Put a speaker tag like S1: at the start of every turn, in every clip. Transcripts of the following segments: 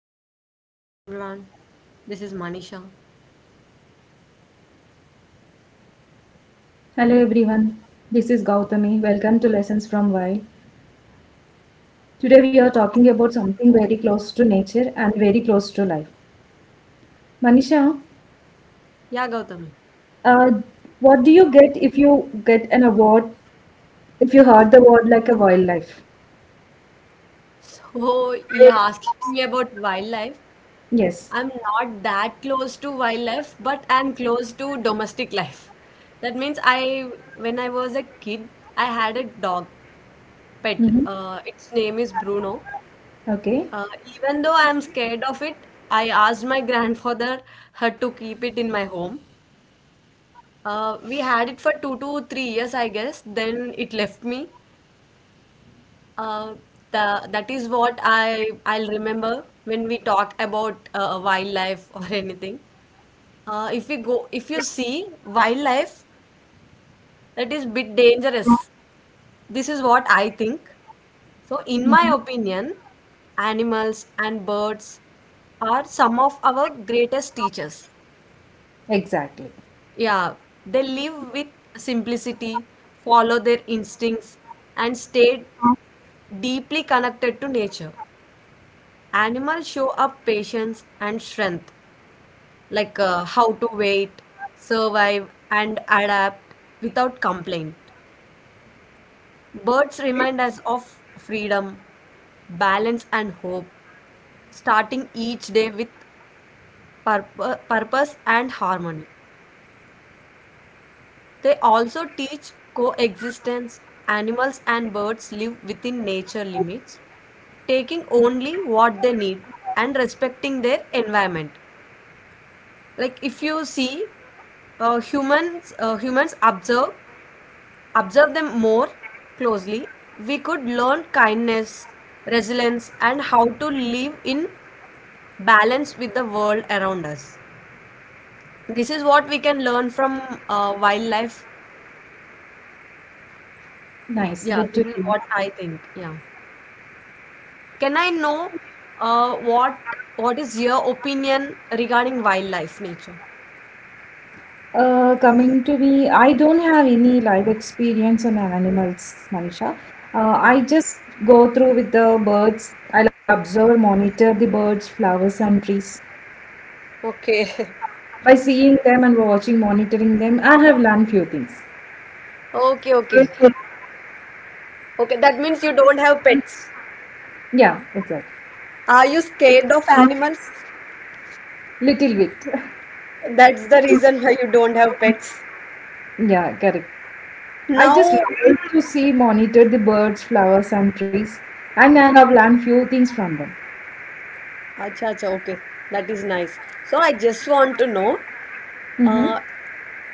S1: Gautami. Hello everyone. This is Manisha.
S2: Hello everyone, this is Gautami. Welcome to Lessons from Wild. Today we are talking about something very close to nature and very close to life. Manisha,
S1: Yeah, Gautami.
S2: uh, what do you get if you get an award, if you heard the word like a wildlife?
S1: So you're asking me about wildlife.
S2: Yes.
S1: I'm not that close to wildlife, but I'm close to domestic life. That means when I was a kid, I had a dog pet.
S2: Mm-hmm.
S1: Its name is Bruno.
S2: Okay.
S1: Uh, Even though I'm scared of it, I asked my grandfather her to keep it in my home. We had it for 2 to 3 years, I guess. Then it left me. Uh, that is what I'll remember when we talk about wildlife or anything. If we go, If you see wildlife, that is bit dangerous. This is what I think. So, in my
S2: Mm-hmm.
S1: opinion, animals and birds are some of our greatest teachers.
S2: Exactly.
S1: Yeah, they live with simplicity, follow their instincts, and stay deeply connected to nature. Animals show up patience and strength, like how to wait, survive, and adapt without complaint. Birds remind us of freedom, balance, and hope, starting each day with purpose and harmony. They also teach coexistence. Animals and birds live within nature limits, taking only what they need and respecting their environment. Like if you see humans observe them more closely, we could learn kindness, resilience, and how to live in balance with the world around us. This is what we can learn from wildlife.
S2: Nice.
S1: Yeah,
S2: Good to
S1: this is
S2: hear.
S1: what I think. Yeah, can I know uh, what what is your opinion regarding wildlife nature?
S2: Coming to me, I don't have any live experience on animals, Manisha. I
S1: Okay,
S2: just go through with the birds. I'll observe, monitor the birds, flowers, and trees.
S1: okay.
S2: By seeing them and watching, monitoring them, I have learned few things.
S1: Okay, okay. Okay, that means you don't have pets.
S2: Yeah, exactly.
S1: Are you scared of animals?
S2: Little bit.
S1: That's the reason why you don't have pets.
S2: Yeah, correct. I just
S1: Now,
S2: like to see, monitor the birds, flowers, and trees, and I have learned few things from them.
S1: acha, acha, okay, that is nice. So I just want to know
S2: Mm-hmm.
S1: uh,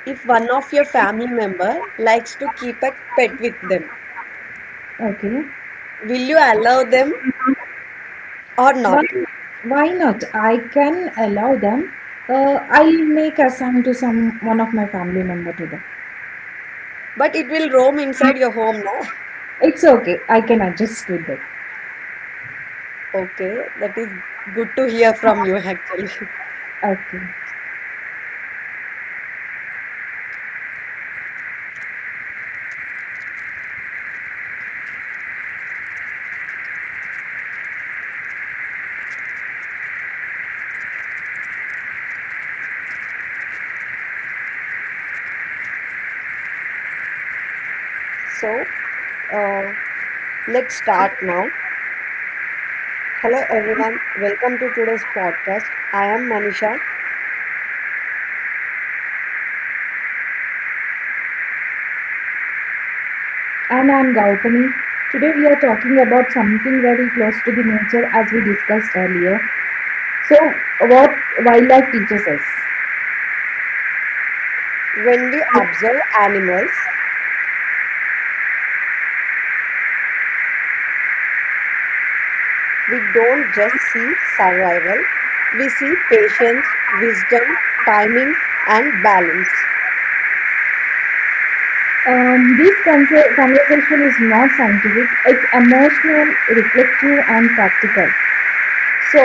S1: if one of your family member likes to keep a pet with them,
S2: Okay.
S1: will you allow them or not?
S2: Why, why not? I can allow them. I'll make a sign to some one of my family member to them.
S1: But it will roam inside your home, na?
S2: It's okay. I can adjust with it.
S1: Okay, that is good to hear from you actually.
S2: Okay.
S1: So, uh, let's start now. Hello everyone, welcome to today's podcast. I am Manisha.
S2: And I'm Gautami. Today we are talking about something very close to the nature as we discussed earlier. So, what wildlife teaches us.
S1: When we observe animals, we don't just see survival, we see patience, wisdom, timing, and balance.
S2: This conversation is not scientific. It's emotional, reflective, and practical. So,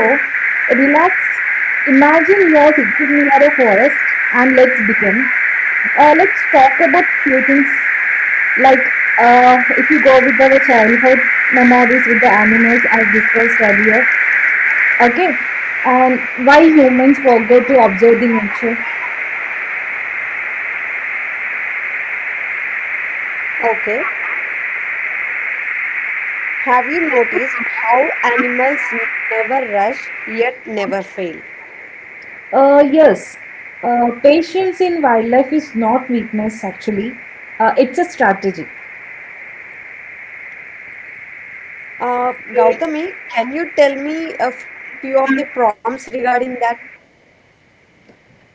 S2: relax, imagine you're sitting near a forest and let's begin. Let's talk about few things like, if you go with our childhood memories with the animals as discussed earlier, okay, and why humans forgot to observe the nature.
S1: Okay, have you noticed how animals never rush yet never fail?
S2: Yes, patience in wildlife is not weakness actually, it's a strategy.
S1: Gautami, can you tell me a few of the prompts regarding that?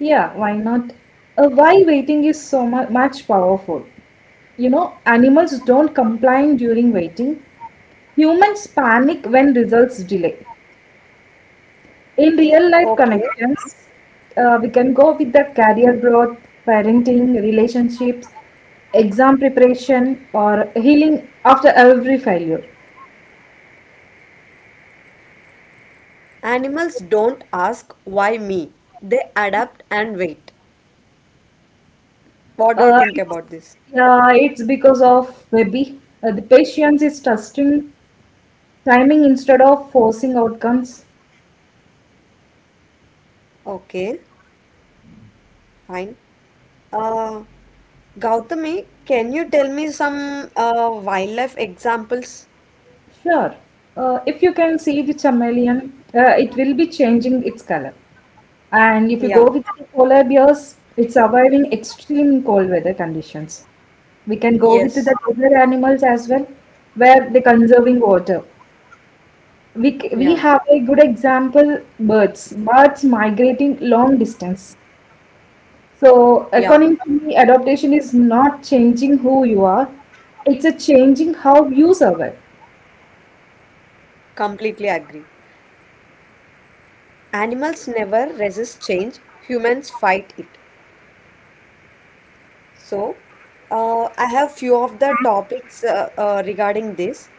S2: Yeah, why not? Why waiting is so much powerful. You know, animals don't complain during waiting. Humans panic when results delay. In real life
S1: Okay,
S2: connections, we can go with the career growth, parenting, relationships, exam preparation, or healing after every failure.
S1: animals don't ask why me, they adapt and wait. What
S2: Uh,
S1: do you think about this?
S2: yeah, it's because of maybe the patience is trusting timing instead of forcing outcomes.
S1: Okay, fine. Uh, Gautami, can you tell me some wildlife examples?
S2: Sure. If you can see the chameleon, it will be changing its color. And if you
S1: Yeah,
S2: go with the polar bears, it's surviving extreme cold weather conditions. We can go with
S1: yes,
S2: the other animals as well, where they're conserving water.
S1: yeah,
S2: We have a good example, birds. Birds migrating long distance. So
S1: yeah,
S2: according to me, adaptation is not changing who you are. It's a changing how you survive.
S1: completely agree. Animals never resist change, humans fight it. So, I have few of the topics regarding this: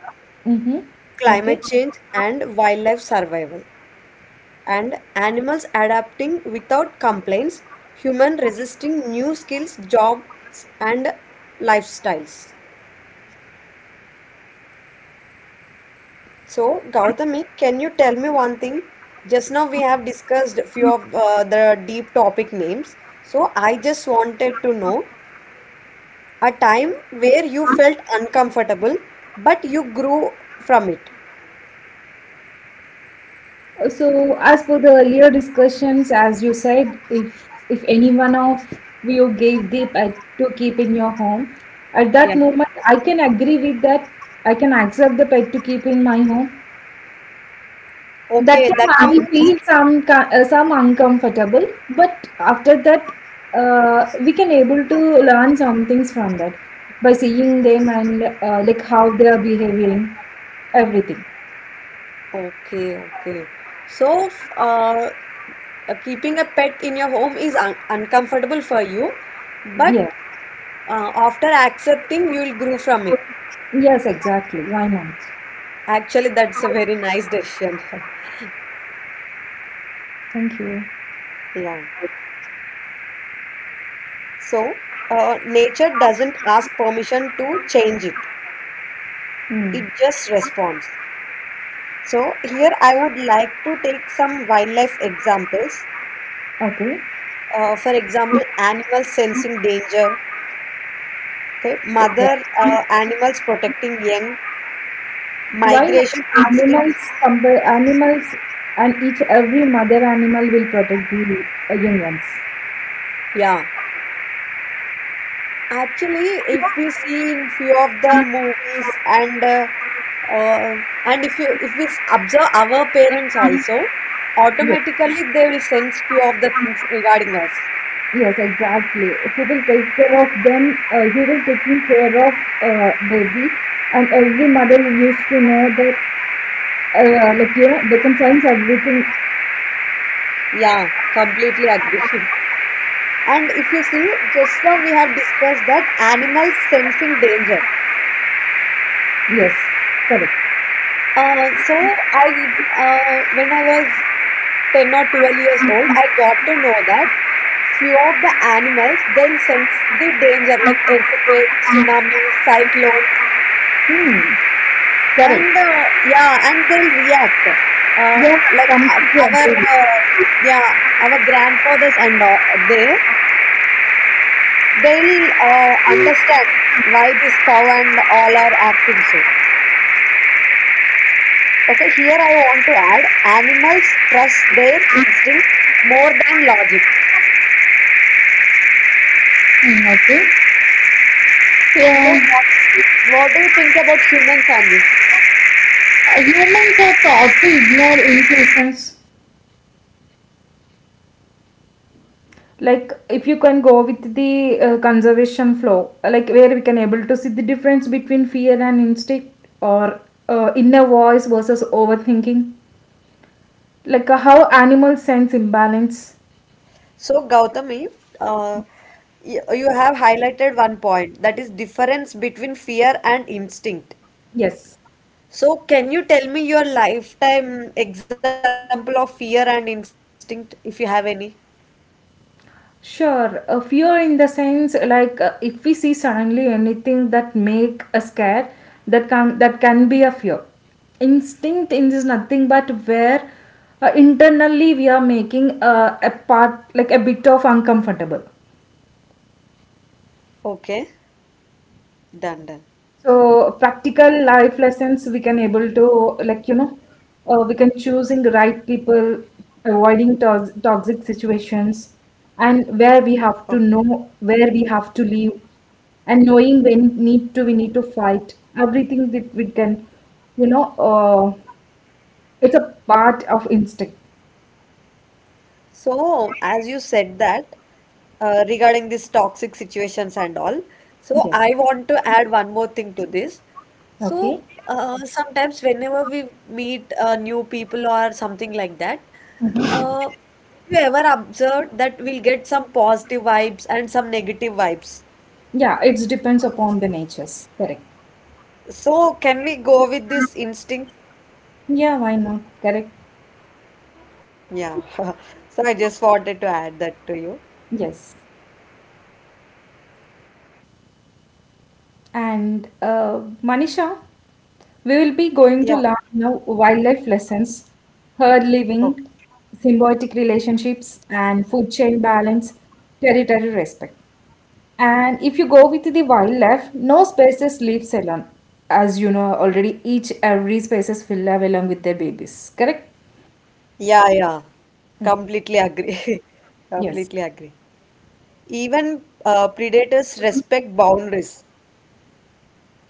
S2: Mm-hmm. Okay.
S1: climate change and wildlife survival, and animals adapting without complaints, human resisting new skills, jobs, and lifestyles. So, Gautami, can you tell me one thing? Just now we have discussed a few of the deep topic names. So, I just wanted to know a time where you felt uncomfortable, but you grew from it.
S2: So, as for the earlier discussions, as you said, if any one of you gave the pet to keep in your home, at that
S1: Yeah.
S2: moment, I can agree with that. I can accept the pet to keep in my home. That
S1: Okay,
S2: time,
S1: that
S2: I
S1: means
S2: feel some uncomfortable, but after that, we can able to learn some things from that by seeing them and, like how they are behaving, everything.
S1: okay, okay. So, keeping a pet in your home is un uncomfortable for you, but
S2: Yeah.
S1: after accepting, you'll grow from it.
S2: Yes, exactly. Why not?
S1: Actually, that's a very nice decision.
S2: Thank you.
S1: Yeah. So, nature doesn't ask permission to change it,
S2: Hmm.
S1: it just responds. So, here I would like to take some wildlife examples.
S2: Okay.
S1: For example, animals sensing danger, okay,
S2: Exactly.
S1: mother animals protecting young,
S2: Why not?
S1: migration
S2: Animals
S1: instincts.
S2: compare animals and each every mother animal will protect the, young ones.
S1: Yeah. Actually, if we see in few of the movies uh, and if we observe our parents also,
S2: Yes,
S1: automatically they will sense few of the things regarding us.
S2: yes, exactly. Who will take care of them? Who will taking care of, baby? And every mother used to know that, like you know, they can sense everything.
S1: Yeah, completely agree. And if you see, just now we have discussed that animals sensing danger.
S2: Yes, correct.
S1: So I When I was 10 or 12 years old, I got to know that few of the animals they'll sense the danger like earthquake, tsunami, cyclone,
S2: Hmm, correct.
S1: and yeah, and they'll react. Uh,
S2: Yeah,
S1: like
S2: completely agree
S1: our
S2: with you.
S1: Yeah, our grandfathers and all, they they'll understand why this cow and all are acting so. Okay, here I want to add animals trust their instincts more than logic. So, what do you think about humans on this?
S2: Patience. Like if you can go with the, conservation flow, like where we can able to see the difference between fear and instinct, or inner voice versus overthinking, like how animals sense imbalance.
S1: So, Gautami, uh, you have highlighted one point that is difference between fear and instinct.
S2: Yes.
S1: So, can you tell me your lifetime example of fear and instinct if you have any?
S2: Sure. A fear in the sense, like if we see suddenly anything that make a scare, that can be a fear. Instinct in is nothing but where internally we are making a part, like a bit of uncomfortable.
S1: Okay, done, done.
S2: So practical life lessons we can able to, like you know, we can choosing the right people, avoiding toxic situations, and where we
S1: Okay.
S2: have to know where we have to live, and knowing when need to we need to fight everything that we can, you know. It's a part of instinct.
S1: So, as you said that regarding these toxic situations and all, so
S2: Yes.
S1: I want to add one more thing to this. So,
S2: Okay.
S1: sometimes whenever we meet new people or something like that, uh, you ever observed that we'll get some positive vibes and some negative vibes.
S2: Yeah, it depends upon the natures. Correct.
S1: So, can we go with this instinct?
S2: Yeah, why not? Correct.
S1: Yeah. So, I just wanted to add that to you.
S2: Yes. And Manisha, we will be going
S1: Yeah.
S2: to learn now wildlife lessons, herd
S1: Okay.
S2: living, symbiotic relationships, and food chain balance, territory respect. And if you go with the wildlife, no species lives alone. As you know already, each every species will live along with their babies. Correct?
S1: Yeah, yeah, completely agree. Completely
S2: Yes,
S1: agree. Even predators respect boundaries.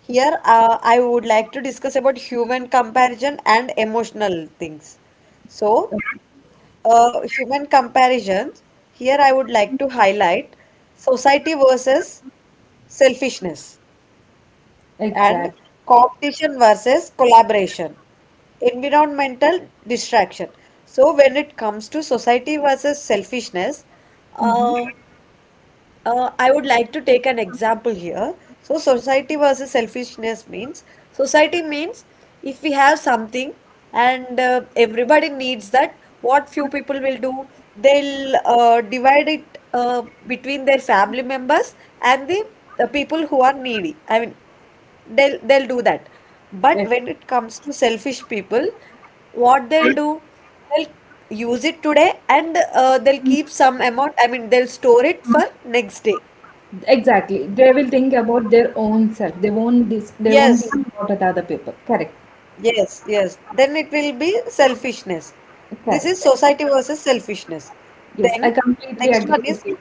S1: Here, I would like to discuss about human comparison and emotional things. So, human comparisons, here I would like to highlight society versus selfishness. And
S2: exactly.
S1: competition versus collaboration, environmental distraction. So, when it comes to society versus selfishness,
S2: Mm-hmm.
S1: uh, I would like to take an example here. So, society versus selfishness means society means if we have something and everybody needs that, what few people will do, they'll divide it between their family members and the people who are needy. I mean, they'll do that. But when it comes to selfish people, what they'll do, they'll use it today, and they'll keep some amount. I mean, they'll store it for next day.
S2: Exactly. They will think about their own self. They won't they won't
S1: Yes,
S2: think about the other people. Correct.
S1: yes, yes, then it will be selfishness. This
S2: Correct.
S1: is society versus selfishness.
S2: Yes, I
S1: Then
S2: completely
S1: next
S2: agree
S1: one is...
S2: with you.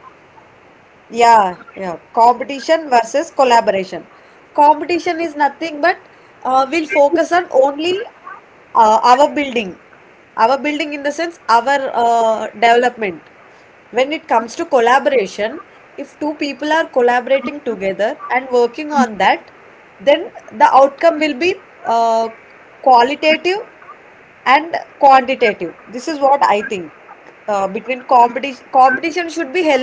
S1: Yeah, yeah. Competition versus collaboration. Competition is nothing but we'll focus on only uh, our building, our building in the sense our development. When it comes to collaboration, if two people are collaborating together and working on that, then the outcome will be uh, qualitative and quantitative. This is what I think. Competition should be healthy.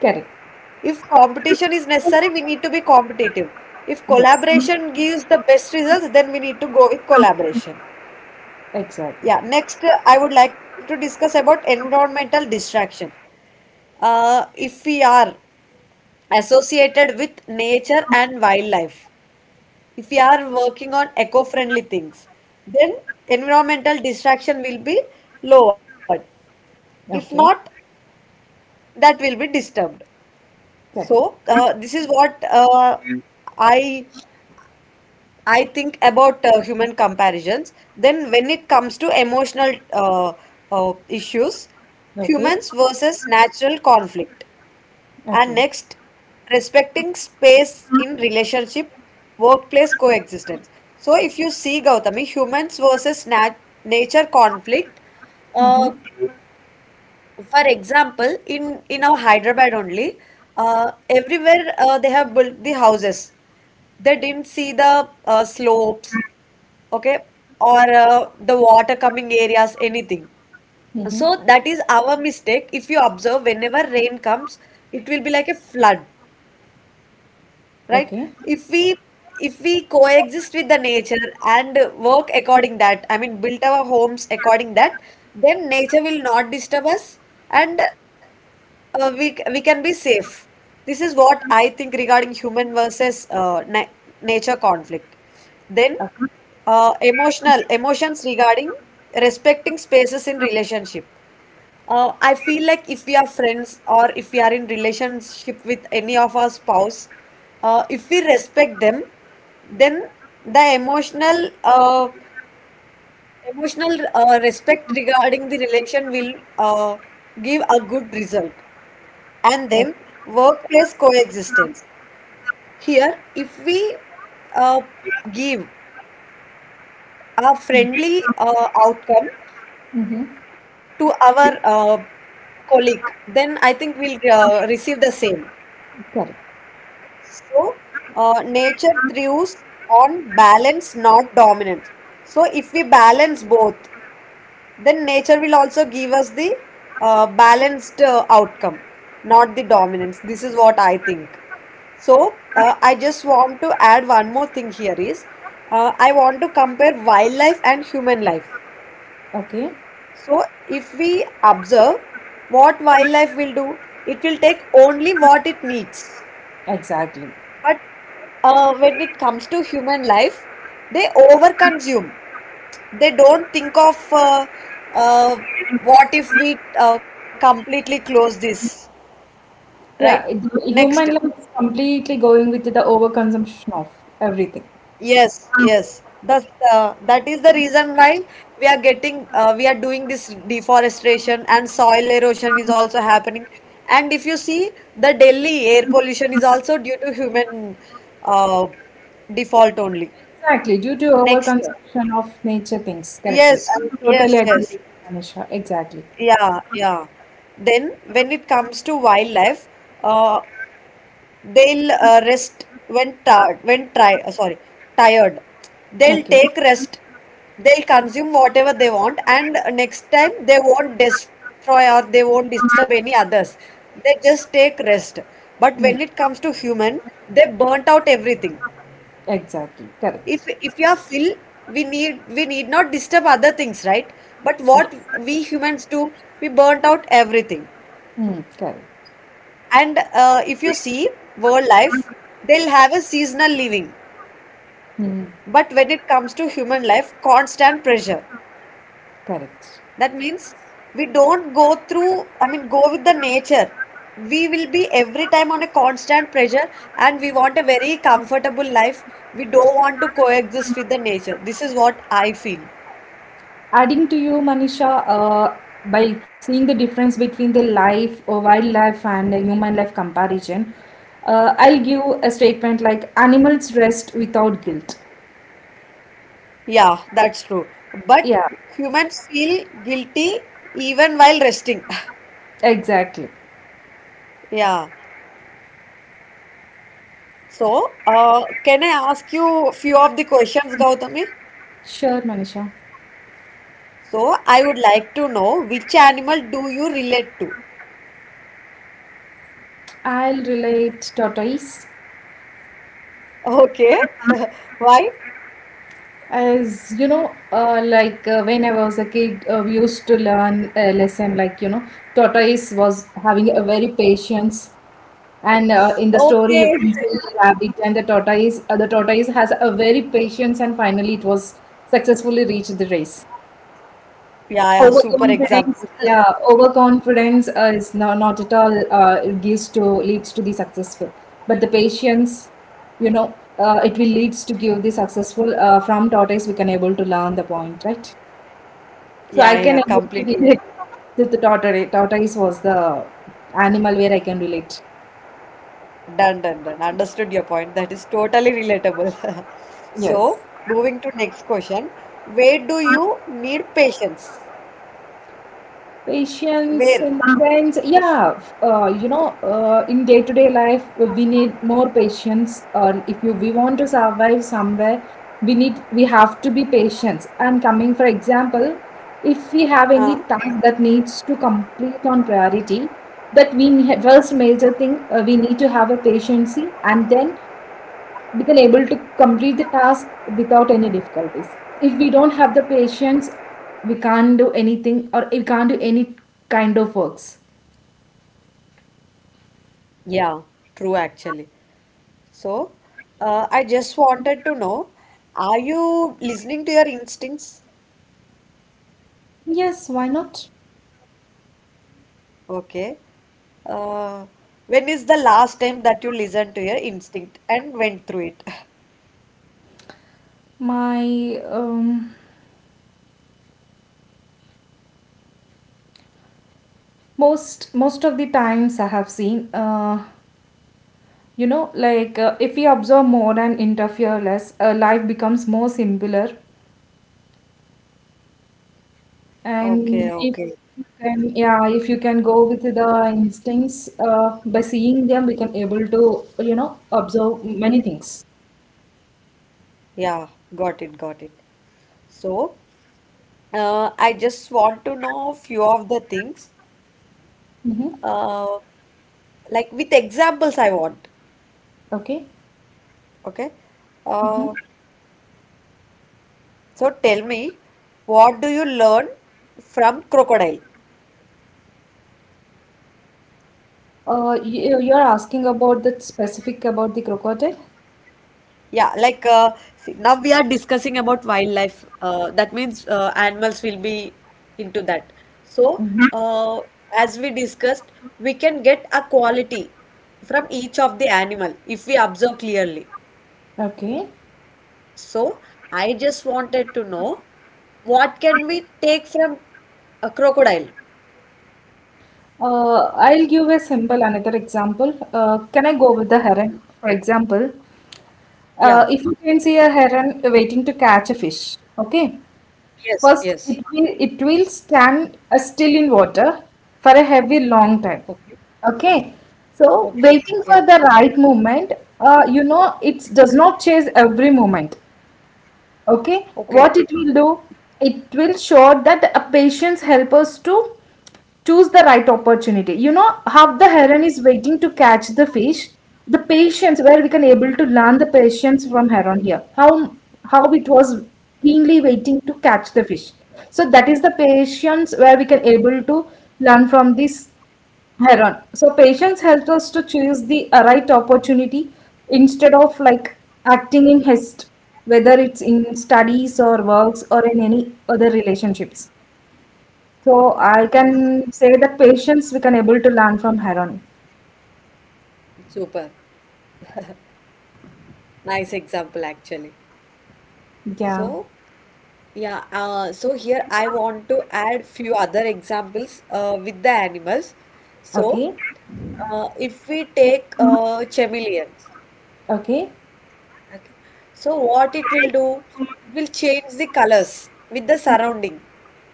S2: Correct.
S1: If competition is necessary, we need to be competitive. If
S2: Yes.
S1: collaboration gives the best results, then we need to go with collaboration.
S2: Exactly.
S1: Yeah, next, I would like to discuss about environmental distraction. If we are associated with nature and wildlife, if we are working on eco-friendly things, then environmental distraction will be lowered. If not,
S2: Okay.
S1: that will be disturbed.
S2: Correct.
S1: So, this is what I I think about human comparisons. Then, when it comes to emotional issues,
S2: Okay.
S1: humans versus natural conflict. And
S2: Okay.
S1: next, respecting space in relationship, workplace coexistence. So, if you see Gautami, humans versus nature conflict.
S2: Mm-hmm.
S1: Uh, for example, in our Hyderabad only, everywhere they have built the houses. They didn't see the slopes, okay, or the water coming areas anything.
S2: Mm-hmm.
S1: So that is our mistake. If you observe, whenever rain comes, it will be like a flood, right?
S2: Okay.
S1: If we if we coexist with the nature and work according that, I mean build our homes according that, then nature will not disturb us, and we can be safe. This is what I think regarding human versus na nature conflict. Then
S2: Okay.
S1: emotional emotions regarding respecting spaces in relationship. I feel like if we are friends or if we are in relationship with any of our spouse, if we respect them, then the emotional respect regarding the relation will give a good result. And
S2: Okay.
S1: then workplace coexistence. Here, if we uh, give a friendly outcome
S2: Mm-hmm.
S1: to our colleague, then I think we'll receive the same.
S2: Correct.
S1: So, nature thrives on balance, not dominance. So, if we balance both, then nature will also give us the balanced outcome, not the dominance. This is what I think. So, I just want to add one more thing here is I want to compare wildlife and human life.
S2: Okay.
S1: So, if we observe what wildlife will do, it will take only what it needs.
S2: Exactly.
S1: But when it comes to human life, they overconsume. They don't think of uh, what if we completely close this, right?
S2: Yeah.
S1: Next.
S2: Human life is completely going with the overconsumption of everything.
S1: Yes, yes. That is the reason why we are doing this deforestation and soil erosion is also happening. And if you see, the Delhi air pollution is also due to human uh, default only.
S2: Exactly. Due to
S1: Next.
S2: overconsumption of nature things. Correctly.
S1: Yes,
S2: I totally
S1: yes,
S2: agree with
S1: yes.
S2: you, Manisha. Exactly.
S1: Yeah, yeah. Then when it comes to wildlife, uh, they'll rest when tired, when try, sorry, tired. They'll
S2: Okay.
S1: take rest. They'll consume whatever they want, and next time they won't destroy or they won't disturb any others. They just take rest. But when it
S2: Mm.
S1: comes to human, they burnt out everything.
S2: Exactly.
S1: if
S2: Correct.
S1: if you are full, we need not disturb other things, right? But what
S2: Yes.
S1: we humans do, we burnt out everything.
S2: Mm. Correct.
S1: And if you see, world life, they'll have a seasonal living.
S2: Hmm,
S1: But when it comes to human life, constant pressure.
S2: correct.
S1: That means we don't go through, I mean, go with the nature. We will be every time on a constant pressure, and we want a very comfortable life. We don't want to coexist with the nature. This is what I feel.
S2: Adding to you, Manisha, by seeing the difference between the life or wildlife and the human life comparison, I'll give a statement like animals rest without guilt.
S1: Yeah, that's true. But
S2: Yeah,
S1: humans feel guilty even while resting.
S2: exactly.
S1: Yeah. So, can I ask you a few of the questions, Gautami?
S2: Sure, Manisha.
S1: So, I would like to know, which animal do you relate to?
S2: I'll relate tortoise.
S1: Okay. Why?
S2: As you know, when I was a kid, we used to learn a lesson like, you know, tortoise was having a very patience. And in the story, you
S1: Okay.
S2: can see the rabbit and the tortoise. The tortoise has a very patience, and finally, it was successfully reached the race.
S1: Yeah, yeah, super
S2: Overconfidence,
S1: example.
S2: yeah, overconfidence is no, not at all. It gives to leads to the successful, but the patience, you know, it will leads to give the successful. From tortoise, we can able to learn the point, right? So I
S1: Yeah,
S2: can
S1: yeah,
S2: able to
S1: completely.
S2: relate to the tortoise. Tortoise was the animal where I can relate.
S1: Done, done, done. Understood your point. That is totally relatable. So,
S2: Yes.
S1: moving to next question. Where do you need patience?
S2: Patience
S1: Where?
S2: in the sense, yeah, you know, in day-to-day life, we need more patience. If you we want to survive somewhere, we have to be patient. And coming, for example, if we have any task that needs to complete on priority, that first major thing, we need to have a patience and then we can able to complete the task without any difficulties. If we don't have the patience, we can't do anything or we can't do any kind of works.
S1: Yeah, true actually. So, I just wanted to know, are you listening to your instincts?
S2: Yes, why not?
S1: Okay. Uh, when is the last time that you listened to your instinct and went through it?
S2: My most of the times I have seen, you know, like if we observe more and interfere less, life becomes more simpler.
S1: Okay,
S2: And if you
S1: okay.
S2: can, yeah, if you can go with the instincts, by seeing them, we can able to, you know, observe many things.
S1: Yeah, got it, got it. So, I just want to know a few of the things,
S2: Mm-hmm.
S1: uh, like with examples I want.
S2: Okay.
S1: Okay.
S2: Mm-hmm.
S1: Uh, so tell me, what do you learn from crocodile?
S2: You're asking about the specific about the crocodile.
S1: Yeah, see, now we are discussing about wildlife. That means animals will be into that. So, uh, as we discussed, we can get a quality from each of the animal if we observe clearly.
S2: Okay.
S1: So, I just wanted to know, what can we take from a crocodile?
S2: I'll give a simple another example. Can I go with the heron? For example,
S1: Yeah.
S2: if you can see a heron waiting to catch a fish, okay?
S1: Yes,
S2: First,
S1: yes.
S2: it will stand still in water for a heavy
S1: Okay.
S2: long time. Okay.
S1: Okay.
S2: So,
S1: Yeah.
S2: waiting for the right moment, you know, it does not chase every moment, okay,
S1: Okay.
S2: what it will do, it will show that a patience help us to choose the right opportunity. You know how the heron is waiting to catch the fish, the patience where we can able to learn the patience from heron here, how it was keenly waiting to catch the fish. So that is the patience where we can able to learn from this Heron. So patience helps us to choose the, right opportunity instead of like acting in haste, whether it's in studies or works or in any other relationships. So I
S1: Oh,
S2: can say that patience we can able to learn from Heron.
S1: super. Nice example, actually. So,
S2: Yeah.
S1: yeah, so here I want to add few other examples with the animals. So,
S2: Okay.
S1: if we take chameleons,
S2: Okay.
S1: okay, so what it will do? It will change the colors with the surrounding.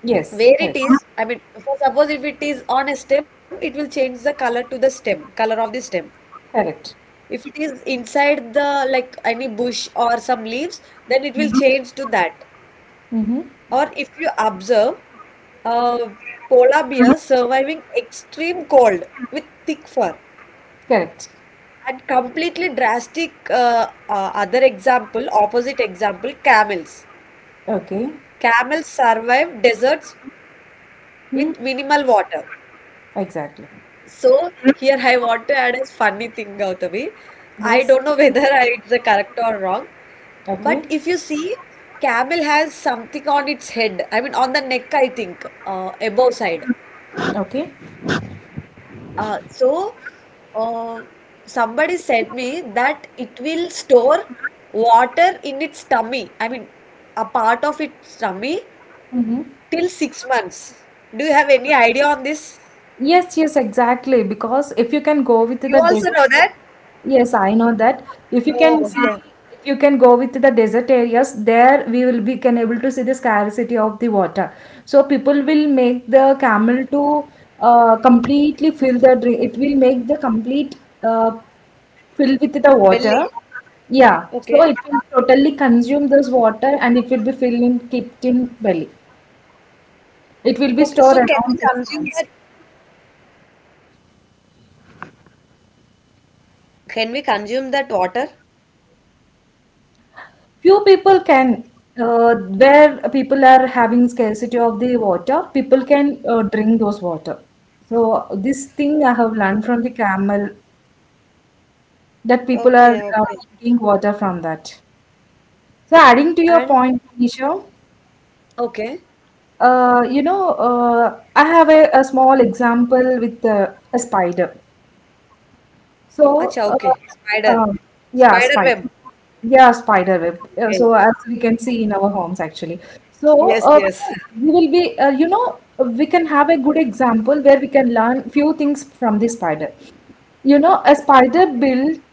S2: Yes.
S1: Where it
S2: Correct.
S1: is, I mean, for suppose if it is on a stem, it will change the color to the stem, color of the stem.
S2: Correct.
S1: If it is inside the like any bush or some leaves, then it will change to that.
S2: Mm-hmm.
S1: Or if you observe, Uh, polar bears surviving extreme cold with thick fur,
S2: Correct.
S1: and completely drastic other example, opposite example, camels.
S2: Okay.
S1: Camels survive deserts
S2: Hmm.
S1: with minimal water.
S2: Exactly.
S1: So here I want to add a funny thing, Gautami. I don't
S2: Yes.
S1: know whether it's a correct or wrong, but
S2: Okay.
S1: if you see, camel has something on its head. I mean, on the neck, I think, above side.
S2: Okay.
S1: Uh, so, uh, somebody said me that it will store water in its tummy. I mean, a part of its tummy
S2: Mm-hmm.
S1: till 6 months. Do you have any idea on this?
S2: Yes, yes, exactly. Because if you can go with
S1: You
S2: the
S1: also
S2: desert,
S1: know that?
S2: yes, I know that. If you can see,
S1: Oh,
S2: if you can go with the desert areas, there we will be can able to see the scarcity of the water. So people will make the camel to completely fill the drink. It will make the complete, fill with the water.
S1: belly.
S2: Yeah. So
S1: Okay.
S2: it will totally consume this water and it will be filled in kept in belly. It will be
S1: Okay.
S2: stored
S1: So, can we
S2: around six
S1: consume
S2: months.
S1: that? Can we consume that water?
S2: Few people can, where people are having scarcity of the water, people can drink those water. So this thing I have learned from the camel, that people are
S1: Okay. Okay.
S2: drinking water from that. So adding to your
S1: And
S2: point, Nisha,
S1: okay.
S2: you know, uh, I have a small example with a spider. So
S1: Acha.
S2: uh,
S1: Okay. Spider.
S2: um yeah,
S1: Spider
S2: spider.
S1: web.
S2: Yeah, spider web. So
S1: Okay.
S2: as we can see in our homes actually. So
S1: Yes. Yes.
S2: we will be, you know, we can have a good example where we can learn few things from the spider. You know, a spider built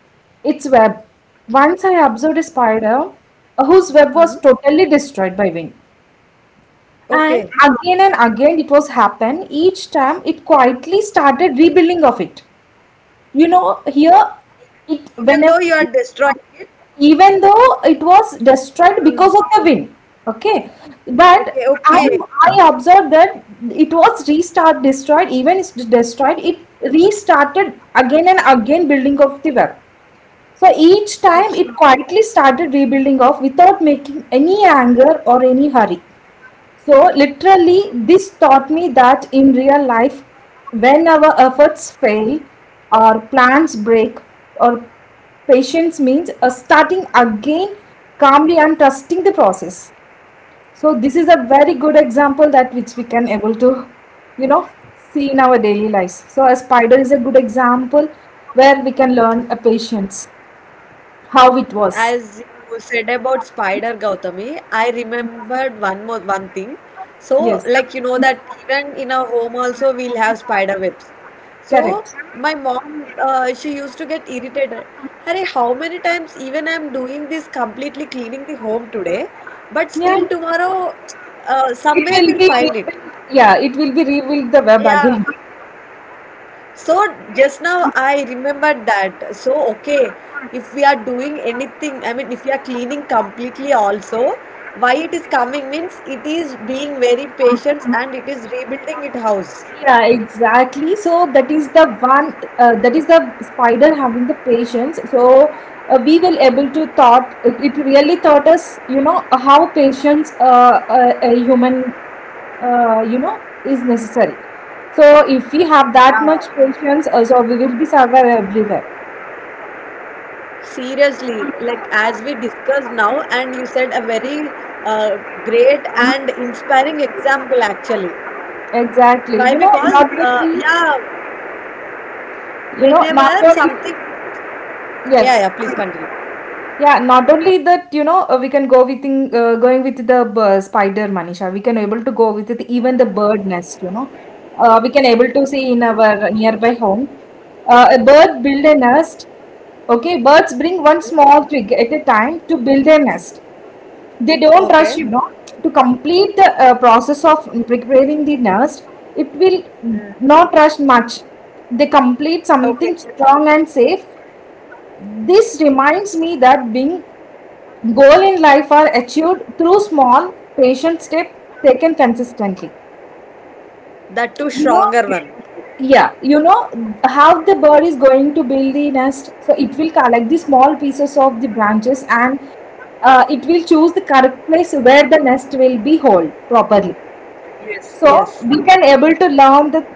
S2: its web. Once I observed a spider whose web
S1: Hmm.
S2: was totally destroyed by wind.
S1: Okay.
S2: And again it was happen. Each time it quietly started rebuilding of it you know here it
S1: Even though
S2: whenever
S1: you are destroying it,
S2: even though it was destroyed because of the wind, okay, but i I observed that it was restart destroyed even it's destroyed it, restarted again and again building of the web. So each time it quietly started rebuilding off without making any anger or any hurry. So, literally, this taught me that in real life, when our efforts fail, our plans break, or patience means starting again calmly and trusting the process. So, this is a very good example that which we can able to, you know, see in our daily lives. So, a spider is a good example where we can learn a patience, how it was.
S1: as you said about Spider Gautami, I remembered one more one thing. So,
S2: Yes,
S1: like you know that even in our home also we'll have spider webs. So
S2: correct.
S1: my mom, she used to get irritated. Harry, how many times even I'm doing this, completely cleaning the home today, but
S2: Yeah,
S1: still tomorrow,
S2: it
S1: somewhere
S2: will
S1: we'll
S2: be,
S1: find it.
S2: yeah, it will be rebuilt the web
S1: Yeah,
S2: again.
S1: so just now I remembered that. So okay, if we are doing anything, I mean, if we are cleaning completely also, why it is coming means it is being very patient and it is rebuilding it house.
S2: Yeah, exactly, so that is the one, that is the spider having the patience. So we will able to thought it, it really taught us, you know, how patience, a human, uh, you know is necessary. So if we have that much
S1: Yeah.
S2: patience, so we will be survive everywhere.
S1: Seriously, like as we discussed now, and you said a very uh, great and inspiring example actually.
S2: Exactly,
S1: Why?
S2: you know,
S1: Because
S2: not only
S1: yeah,
S2: you know
S1: whenever
S2: not only
S1: something, yeah,
S2: yes
S1: yeah, please continue.
S2: Yeah, not only that, you know, we can go with in, going with the spider, Manisha. We can able to go with it, even the bird nest, you know. We can able to see in our nearby home. A bird build a nest. Okay, birds bring one small twig at a time to build a nest. They don't rush,
S1: Okay,
S2: to complete the process of preparing the nest. It will not rush much. They complete something
S1: okay,
S2: strong and safe. This reminds me that being goal in life are achieved through small, patient steps taken consistently.
S1: that too
S2: You know,
S1: stronger one.
S2: yeah, you know, how the bird is going to build the nest. So it will collect the small pieces of the branches and it will choose the correct place where the nest will be hold properly.
S1: Yes,
S2: So
S1: yes,
S2: we can able to learn the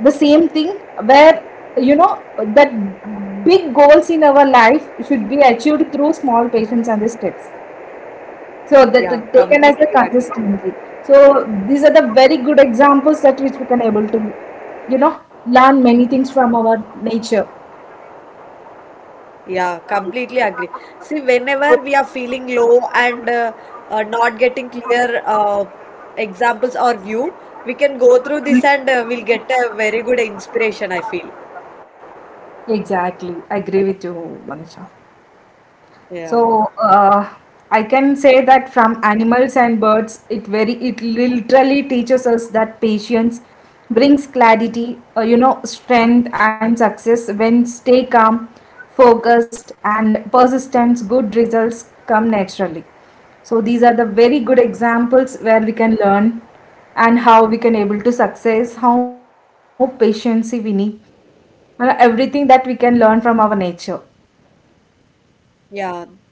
S2: same thing where, you know that big goals in our life should be achieved through small patience and the steps. So that is
S1: yeah,
S2: taken as a
S1: completely agree.
S2: consistently. So these are the very good examples that which we can able to, you know, learn many things from our nature.
S1: Yeah, completely agree. See, whenever we are feeling low and not getting clear examples or view, we can go through this and we'll get a very good inspiration, I feel.
S2: Exactly, I agree with you, Manisha.
S1: Yeah,
S2: So I can say that from animals and birds, it literally teaches us that patience brings clarity, strength and success. When stay calm, focused, and persistence, good results come naturally. So these are the very good examples where we can learn and how we can able to success, how patience we need, and everything that we can learn from our nature.
S1: yeah.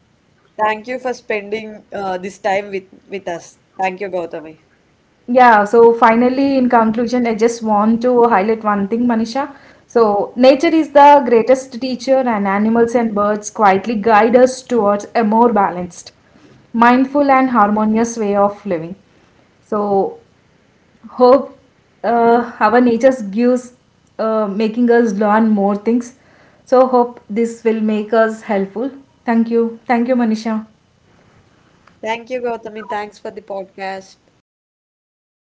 S1: Thank you for spending this time with us. Thank you, Gautami.
S2: Yeah, so finally, in conclusion, I just want to highlight one thing, Manisha. So, nature is the greatest teacher, and animals and birds quietly guide us towards a more balanced, mindful, and harmonious way of living. So, hope our nature gives, making us learn more things. So, hope this will make us helpful. Thank you. Thank you, Manisha.
S1: Thank you, Gautami. Thanks for the podcast.
S2: Yeah, thank